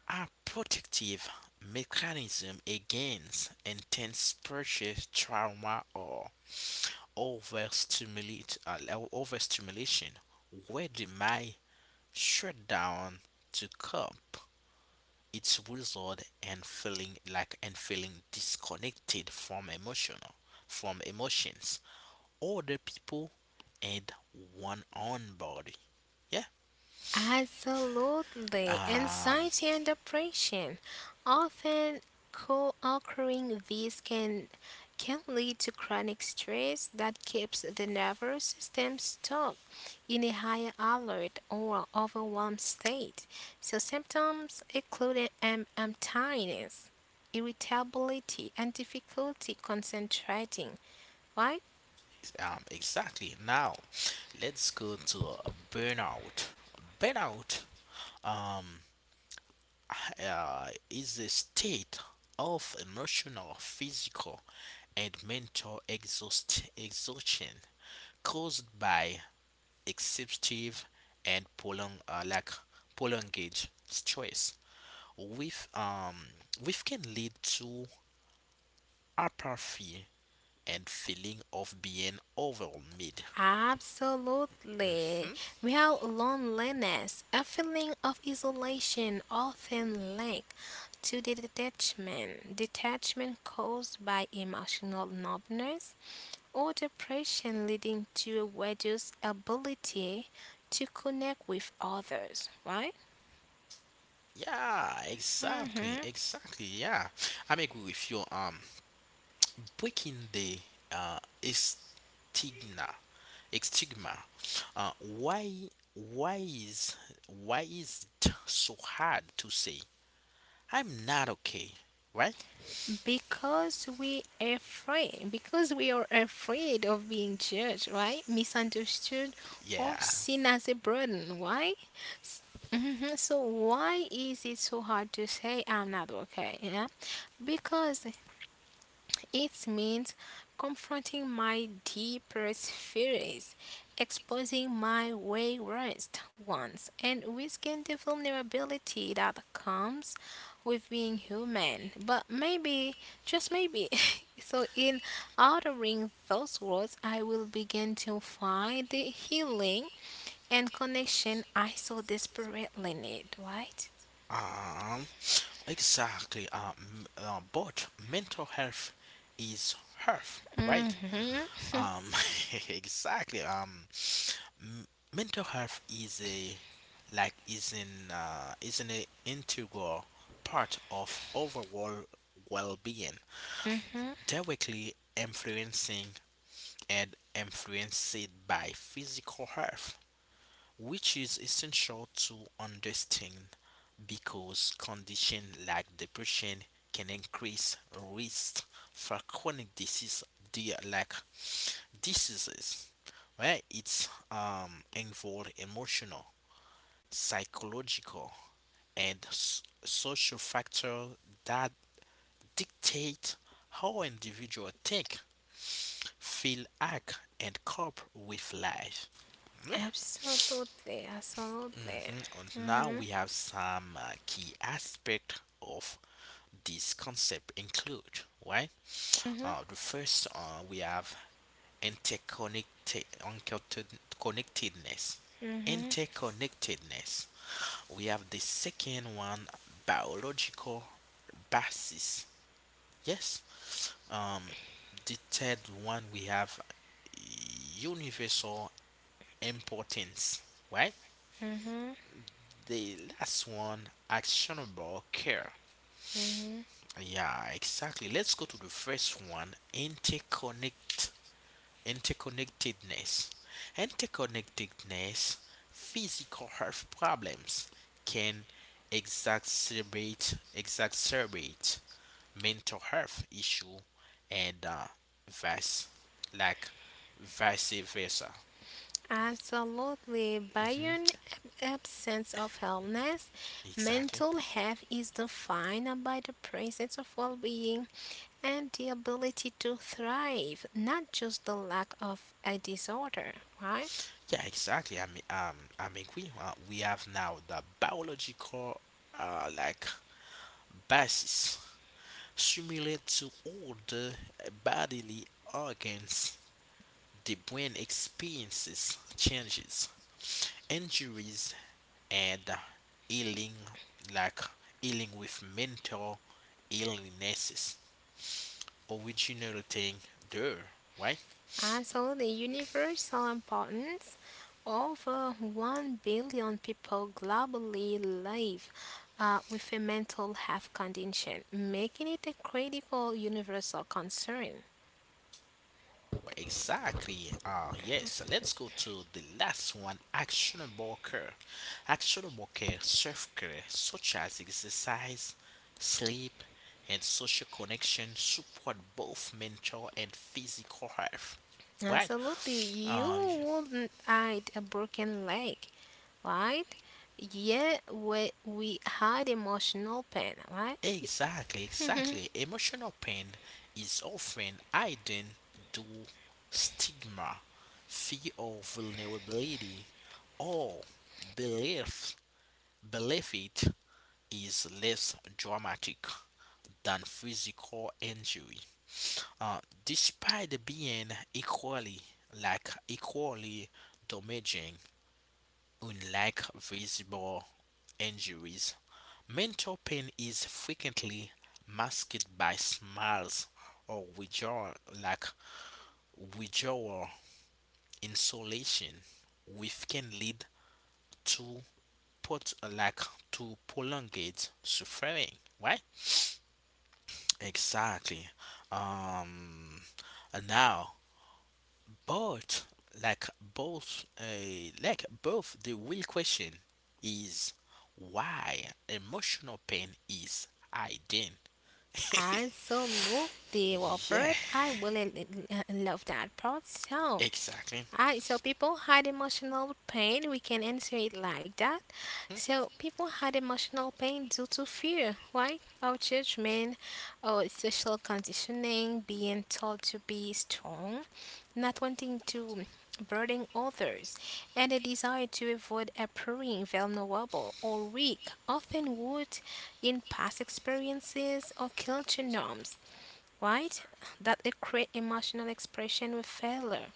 Speaker 1: a protective mechanism against intense pressure, trauma, or overstimulate, uh, overstimulation, where the mind shut down to cope, its result and feeling like and feeling disconnected from emotions, other people, and one own body. Yeah.
Speaker 2: Absolutely.
Speaker 1: Um,
Speaker 2: Anxiety and depression. Often co-occurring these can lead to chronic stress that keeps the nervous system stuck in a higher alert or overwhelmed state. So symptoms include tiredness, irritability, and difficulty concentrating. Why?
Speaker 1: Exactly. Now, let's go to burnout. Burnout um, is a state of emotional, physical, and mental exhaustion caused by excessive and prolonged stress, with which can lead to apathy and feeling of being overwhelmed.
Speaker 2: Absolutely.
Speaker 1: Mm-hmm.
Speaker 2: Real loneliness, a feeling of isolation often linked to the detachment. Detachment caused by emotional numbness or depression leading to a reduced ability to connect with others, right?
Speaker 1: Yeah, exactly,
Speaker 2: Hmm.
Speaker 1: exactly. Yeah, I'm agree with you. Breaking the uh stigma, stigma. Why, why is it so hard to say I'm not okay, right?
Speaker 2: Because we afraid, because we are afraid of being judged, right? Misunderstood or
Speaker 1: Yeah.
Speaker 2: seen as a burden, right? Mhm. So why is it so hard to say I'm not okay? Yeah, because it means confronting my deepest fears, exposing my wayward ones, and risking the vulnerability that comes with being human. But maybe, just maybe, [LAUGHS] so in uttering those words, I will begin to find the healing and connection I so desperately need, right?
Speaker 1: Um, exactly. But mental health is health, right?
Speaker 2: Mm-hmm.
Speaker 1: Um, [LAUGHS] exactly. M- Mental health is a like is an integral part of overall well-being,
Speaker 2: Mm-hmm.
Speaker 1: directly influencing and influenced by physical health, which is essential to understand because conditions like depression can increase risk for chronic di- like diseases, where it's involved emotional, psychological, and social factors that dictate how individuals think, feel, act, and cope with life. Yeah.
Speaker 2: Absolutely, absolutely.
Speaker 1: Mhm. And now
Speaker 2: Mhm.
Speaker 1: we have some key aspect of this concept include, right?
Speaker 2: Mhm.
Speaker 1: The first we have interconnectedness.
Speaker 2: Mhm.
Speaker 1: Interconnectedness. We have the second one, biological basis. Yes. um the third one we have universal importance, right? The last one, actionable care. Yeah, exactly. Let's go to the first one, interconnectedness interconnectedness. Physical health problems can exacerbate mental health issue, and vice like vice versa.
Speaker 2: Absolutely. By
Speaker 1: hmm
Speaker 2: your absence of illness,
Speaker 1: Exactly.
Speaker 2: mental health is defined by the presence of well-being and the ability to thrive, not just the lack of a disorder, right?
Speaker 1: Yeah, exactly. I mean, we have now the biological uh, like basis, similar to all the bodily organs. The brain experiences changes, injuries, and healing, like with mental illnesses original thing there, right?
Speaker 2: Absolutely, universal importance. Over 1 billion people globally live with a mental health condition, making it a critical universal concern.
Speaker 1: Exactly. Yes, let's go to the last one, actionable care. Actionable care, self care, such as exercise, sleep, and social connection, support both mental and physical health. Right?
Speaker 2: Absolutely, you
Speaker 1: Uh,
Speaker 2: wouldn't hide a broken leg, right? Yet we hide emotional pain, right?
Speaker 1: Exactly, exactly. Emotional pain is often hidden due stigma, fear of vulnerability, or belief belief it is less dramatic than physical injury. Uh, Despite being equally equally damaging, unlike visible injuries. Mental pain is frequently masked by smiles or withdrawal, like withdrawal, insolation, which can lead to put like to prolonged suffering. Right? Exactly. Um. Now, but both, the real question is why emotional pain is hidden. [LAUGHS]
Speaker 2: Absolutely,
Speaker 1: Yeah,
Speaker 2: Robert. I really love that part. So,
Speaker 1: exactly.
Speaker 2: alright, so people hide emotional pain. We can answer it like that.
Speaker 1: Mm,
Speaker 2: So people hide emotional pain due to fear, right? Our judgment, our social conditioning, being told to be strong, not wanting to burden others, and a desire to avoid appearing vulnerable or weak, often rooted in past experiences or culture norms, right? That create emotional expression with failure.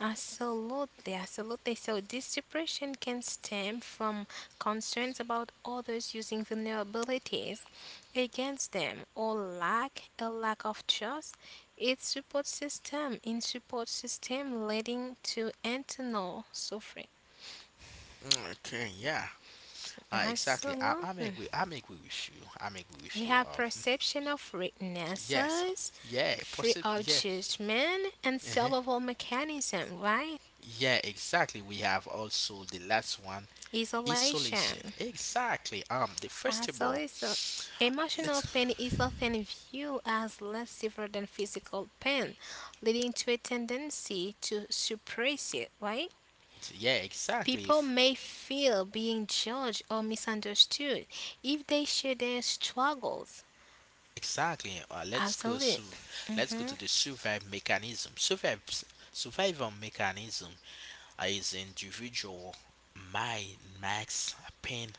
Speaker 2: Absolutely, absolutely. So, this depression can stem from concerns about others using vulnerabilities against them or lack of trust. Its support system leading to internal suffering.
Speaker 1: mm, okay, yeah, exactly. I'm
Speaker 2: Absolutely.
Speaker 1: agree. I'm agree with you. I'm agree
Speaker 2: We
Speaker 1: with you.
Speaker 2: have perception of
Speaker 1: Yes,
Speaker 2: weaknesses,
Speaker 1: yeah,
Speaker 2: free
Speaker 1: possible.
Speaker 2: of
Speaker 1: Yeah,
Speaker 2: judgment, and
Speaker 1: uh
Speaker 2: survival mechanism, right?
Speaker 1: yeah, exactly. We have also the last one, isolation.
Speaker 2: Isolation.
Speaker 1: Exactly. The first
Speaker 2: Absolutely,
Speaker 1: of all,
Speaker 2: always, emotional
Speaker 1: let's.
Speaker 2: pain is often viewed as less severe than physical pain, leading to a tendency to suppress it, right?
Speaker 1: Yeah, exactly.
Speaker 2: People may feel being judged or misunderstood if they share their struggles.
Speaker 1: Exactly. Let's go.
Speaker 2: Absolutely.
Speaker 1: Let's go to the survive mechanism. Survive. Survival mechanism. As individual, my max pain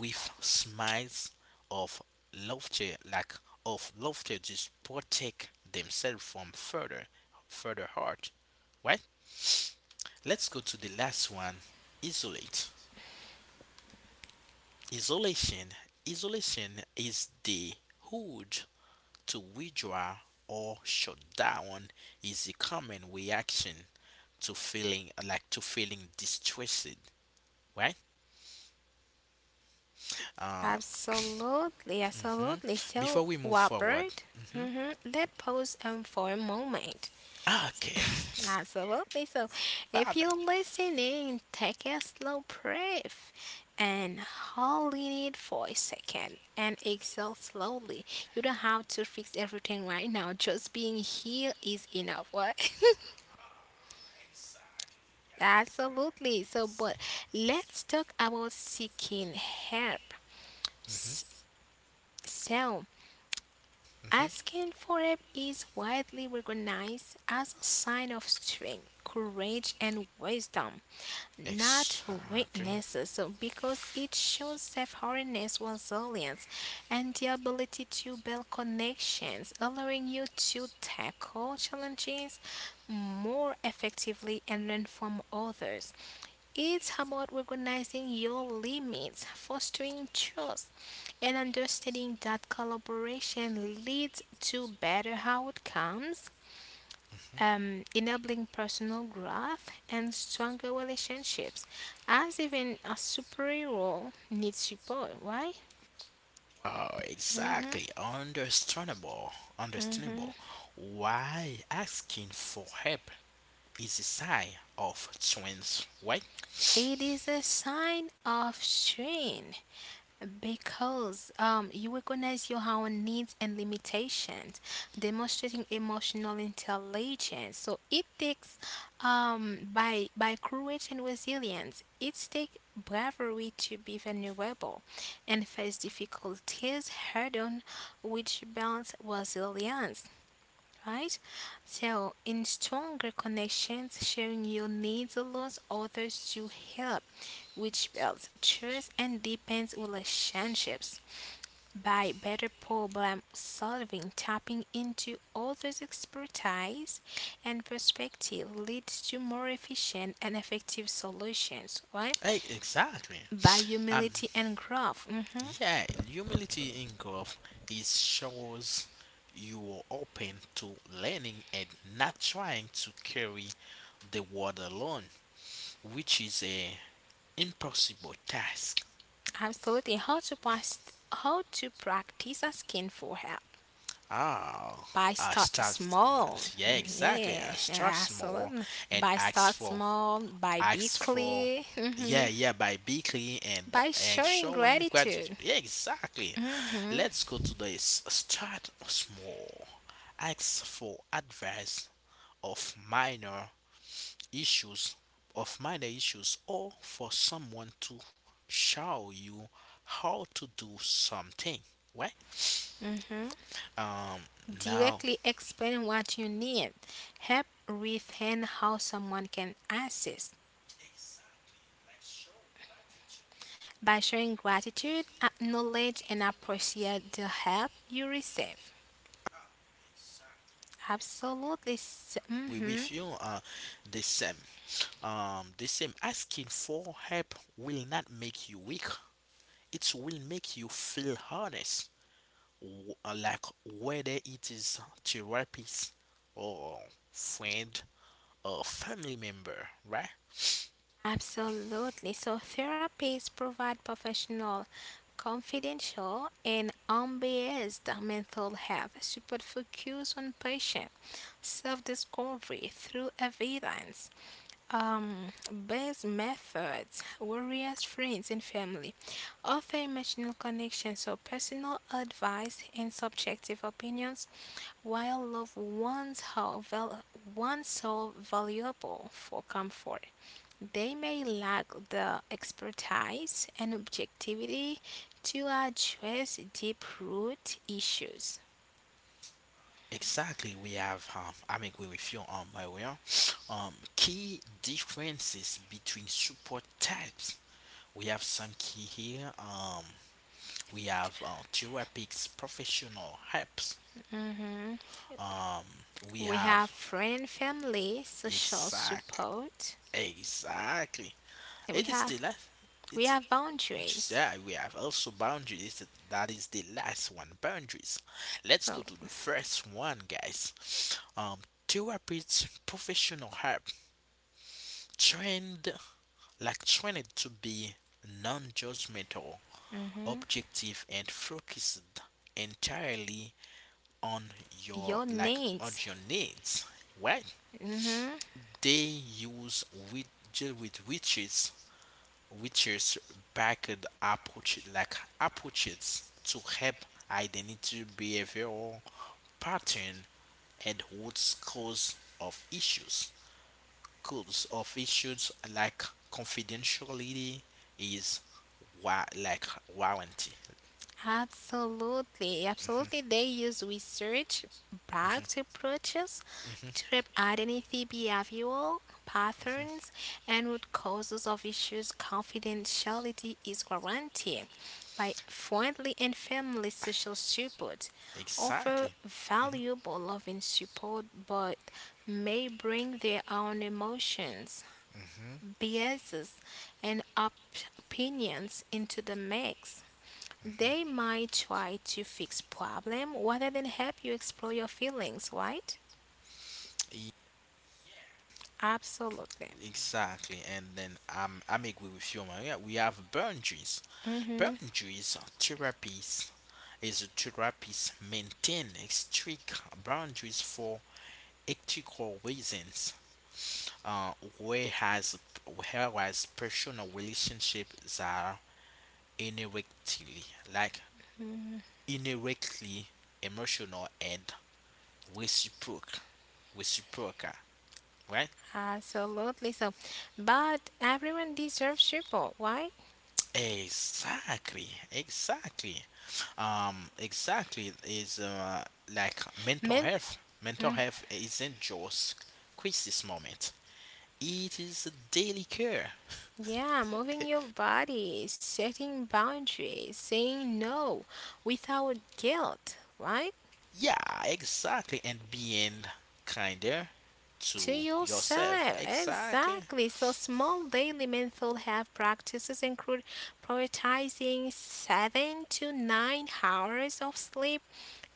Speaker 1: with smiles of laughter like of laughter just protect themselves from further hurt, right? Let's go to the last one, isolate isolation isolation. Is the urge to withdraw or shut down, is a common reaction to feeling distressed, right? uh
Speaker 2: Absolutely,
Speaker 1: Mhm.
Speaker 2: absolutely. So,
Speaker 1: Before we move forward.
Speaker 2: Robert,
Speaker 1: Mhm.
Speaker 2: mhm, let's pause for a moment.
Speaker 1: Okay.
Speaker 2: Absolutely. So, if
Speaker 1: Problem.
Speaker 2: you're listening, take a slow breath and hold it for a second and exhale slowly. You don't have to fix everything right now. Just being here is enough. What? [LAUGHS] Absolutely. So, but let's talk about seeking help. S-
Speaker 1: Mhm,
Speaker 2: So,
Speaker 1: mhm.
Speaker 2: asking for help is widely recognized as a sign of strength, courage, and wisdom. Not
Speaker 1: Exactly.
Speaker 2: weaknesses. So because it shows self-awareness, resilience, and the ability to build connections, allowing you to tackle challenges more effectively and learn from others. It's about recognizing your limits, fostering trust, and understanding that collaboration leads to better outcomes
Speaker 1: Mhm.
Speaker 2: enabling personal growth and stronger relationships, as even a superhero needs support. Why?
Speaker 1: Oh,
Speaker 2: Hmm.
Speaker 1: exactly. Understandable.
Speaker 2: Hmm.
Speaker 1: Understandable. Why asking for help is a sign of strength, right?
Speaker 2: It is a sign of strength because you recognize your own needs and limitations, demonstrating emotional intelligence. So it takes by courage and resilience. It takes bravery to be vulnerable and face difficulties head on, which builds resilience right? So, in stronger connections, sharing your needs allows others to help, which builds trust and deepens relationships. By better problem solving, tapping into others' expertise and perspective leads to more efficient and effective solutions, right?
Speaker 1: Exactly.
Speaker 2: By
Speaker 1: Um.
Speaker 2: humility and growth. Hmm.
Speaker 1: Yeah. Humility in growth is shows you are open to learning and not trying to carry the world alone, which is a impossible task.
Speaker 2: Absolutely. How to practice asking for help.
Speaker 1: Ah,
Speaker 2: By
Speaker 1: I
Speaker 2: start
Speaker 1: start.
Speaker 2: small.
Speaker 1: Yeah, exactly.
Speaker 2: Yeah,
Speaker 1: I start
Speaker 2: yeah,
Speaker 1: small
Speaker 2: absolutely.
Speaker 1: and
Speaker 2: By start small, by be
Speaker 1: ask for.
Speaker 2: clear, hmm,
Speaker 1: Yeah, yeah, by be clean and
Speaker 2: by
Speaker 1: and
Speaker 2: showing
Speaker 1: showing gratitude.
Speaker 2: gratitude.
Speaker 1: Yeah, exactly.
Speaker 2: Hmm.
Speaker 1: Let's go to this. Start small. Ask for advice of minor issues of minor issues or for someone to show you how to do something, right?
Speaker 2: Hmm.
Speaker 1: um Now
Speaker 2: Directly explain what you need. Help refine how someone can assist. By showing gratitude, acknowledge and appreciate the help you receive. Absolutely.
Speaker 1: we
Speaker 2: Mm-hmm.
Speaker 1: with you, the same. The same, asking for help will not make you weak, it will make you feel honest, w- uh, like whether it is therapist or friend or family member, right?
Speaker 2: Absolutely. So therapists provide professional, confidential, and unbiased mental health support focused on patient self-discovery through evidence. Um, best methods warriors, friends, and family offer emotional connection, so personal advice and subjective opinions, while loved one's so valuable for comfort. They may lack the expertise and objectivity to address deep root issues.
Speaker 1: Exactly, we have. I'm agree with you, my way. Huh? Key differences between support types. We have some key here. We have therapists, professional helps.
Speaker 2: Mhm.
Speaker 1: Um, we
Speaker 2: We
Speaker 1: have
Speaker 2: have friend, family, social
Speaker 1: exact,
Speaker 2: support.
Speaker 1: exactly.
Speaker 2: We
Speaker 1: It is
Speaker 2: have
Speaker 1: the last.
Speaker 2: We
Speaker 1: It's
Speaker 2: have
Speaker 1: just
Speaker 2: boundaries.
Speaker 1: yeah. We have also boundaries. That is the last one. Boundaries. Let's go
Speaker 2: So,
Speaker 1: to the first one, guys. Um, Therapists, professional help. trained Trained to be non-judgmental,
Speaker 2: hmm,
Speaker 1: objective, and focused entirely on your
Speaker 2: your
Speaker 1: like on
Speaker 2: needs.
Speaker 1: your needs. Right?
Speaker 2: Hmm.
Speaker 1: They use with deal with witches backed approaches to help identity behavioral pattern and root cause of issues. Like confidentiality is warranty.
Speaker 2: Absolutely. Absolutely. They use research backed approaches to identify behavioral patterns and root causes of issues. Confidentiality is guaranteed by friendly and family social support. Offer
Speaker 1: Exactly.
Speaker 2: valuable loving support, but may bring their own emotions biases and opinions into the mix. They might try to fix problem rather than help you explore your feelings, right?
Speaker 1: E-
Speaker 2: Absolutely.
Speaker 1: Exactly. And then I'm agree with you, Maria. We have boundaries.
Speaker 2: Mm-hmm.
Speaker 1: Boundaries therapies is a therapist maintain strict boundaries for ethical reasons. Uh, Whereas personal relationships are indirectly like
Speaker 2: Hmm.
Speaker 1: indirectly emotional and reciprocal reciprocal, right?
Speaker 2: Absolutely. So, but everyone deserves support, right?
Speaker 1: Exactly, exactly. Exactly, is like mental
Speaker 2: Men-
Speaker 1: health mental
Speaker 2: Mm,
Speaker 1: health isn't just crisis moment, it is a daily care.
Speaker 2: yeah, moving your body, setting boundaries, saying no without guilt, right?
Speaker 1: Yeah, exactly, and being kinder
Speaker 2: To
Speaker 1: to yourself,
Speaker 2: yourself.
Speaker 1: exactly.
Speaker 2: Exactly. So, small daily mental health practices include prioritizing 7 to 9 hours of sleep,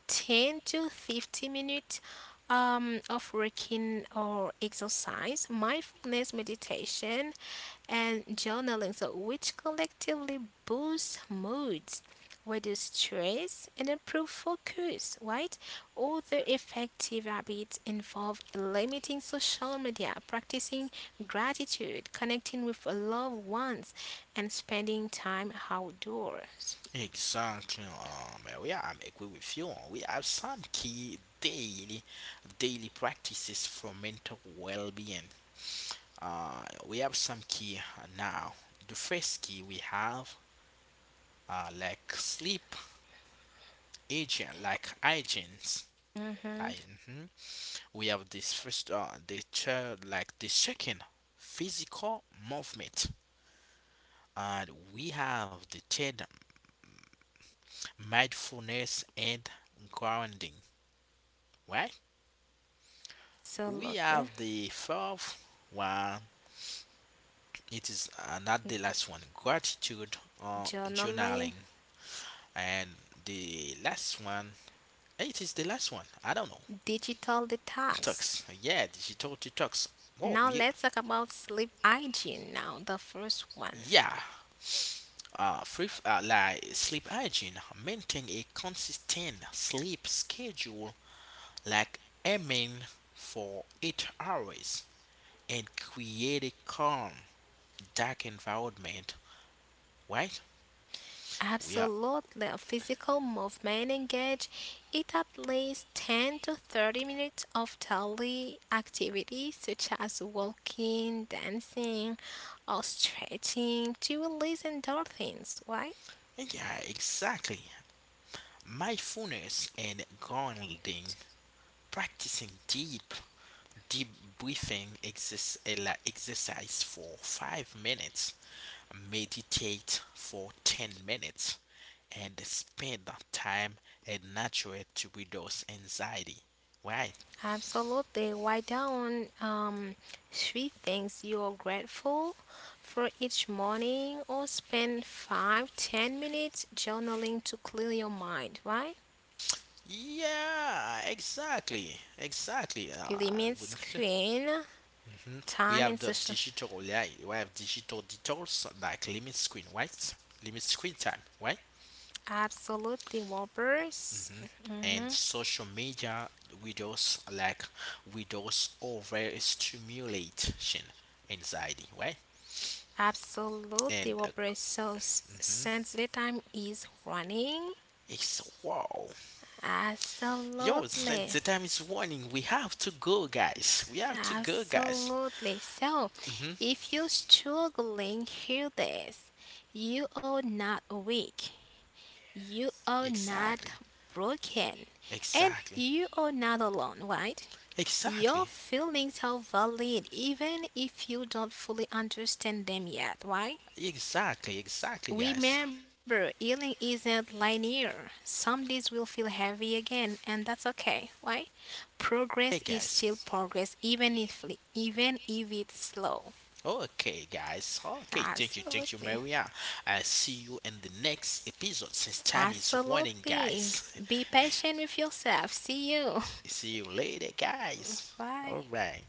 Speaker 2: 10 to 50 minutes of working or exercise, mindfulness meditation, and journaling. So, which collectively boosts moods, reduce stress, and improve focus, right? Other effective habits involve limiting social media, practicing gratitude, connecting with loved ones, and spending time outdoors.
Speaker 1: Exactly, we are agree with you. Oh. We have some key daily practices for mental well-being. We have some key now. The first key we have sleep agent, like hygiene.
Speaker 2: Mm-hmm.
Speaker 1: I, mhm. We have this first, the third, like the second, physical movement, and we have the third, mindfulness and grounding. Right? We
Speaker 2: Absolutely.
Speaker 1: have the fourth one. It is not the last one. Gratitude or
Speaker 2: Journaling,
Speaker 1: journaling, and the last one. It is the last one. I don't know.
Speaker 2: digital detox.
Speaker 1: Talks. Yeah, she told you talks. Oh,
Speaker 2: Now let's talk about sleep hygiene. Now, the first one.
Speaker 1: yeah. Free, like Sleep hygiene. Maintain a consistent sleep schedule, like aiming for 8 hours, and create a calm, dark environment. Right? We are
Speaker 2: Absolutely, physical movement engage it at least 10 to 30 minutes of daily activity such as walking, dancing, or stretching to release endorphins, right?
Speaker 1: Yeah, exactly. Mindfulness and grounding, practicing deep, deep breathing, exercise for 5 minutes, meditate for 10 minutes, and spend the time at nature to reduce anxiety. Right?
Speaker 2: Absolutely. Why don't three things you're grateful for each morning or spend five, 10 minutes journaling to clear your mind, right?
Speaker 1: Yeah, exactly, exactly. I
Speaker 2: Limit
Speaker 1: wouldn't.
Speaker 2: screen
Speaker 1: hmm We
Speaker 2: time
Speaker 1: have
Speaker 2: and
Speaker 1: the
Speaker 2: social
Speaker 1: digital light. We have digital detours, like limit screen, right? Limit screen time, right?
Speaker 2: absolutely Whoppers.
Speaker 1: hmm And
Speaker 2: Hmm.
Speaker 1: social media, widows like widows overstimulation anxiety, right? And
Speaker 2: Absolutely Whoppers. So
Speaker 1: mhm,
Speaker 2: since the time is running,
Speaker 1: it's wow, yo, it's,
Speaker 2: absolutely,
Speaker 1: the time is warning. We have to go, guys. We have to go, guys.
Speaker 2: absolutely. So
Speaker 1: hmm
Speaker 2: if you're struggling, hear this: you are not weak, you are not
Speaker 1: Exactly,
Speaker 2: broken, and
Speaker 1: exactly,
Speaker 2: you are not alone. Right?
Speaker 1: exactly,
Speaker 2: Your feelings are valid, even if you don't fully understand them yet. Why?
Speaker 1: exactly, exactly, guys.
Speaker 2: Remember, healing isn't linear. Some days will feel heavy again, and that's okay. Why?
Speaker 1: Hey,
Speaker 2: Progress is still
Speaker 1: guys.
Speaker 2: progress, even if it's slow.
Speaker 1: Okay, guys. Okay, thank you,
Speaker 2: Absolutely,
Speaker 1: Maria. I see you in the next episode since time is running,
Speaker 2: absolutely.
Speaker 1: guys.
Speaker 2: Be patient with yourself. See you.
Speaker 1: [LAUGHS] See you later, guys.
Speaker 2: [LAUGHS] Bye.
Speaker 1: All right.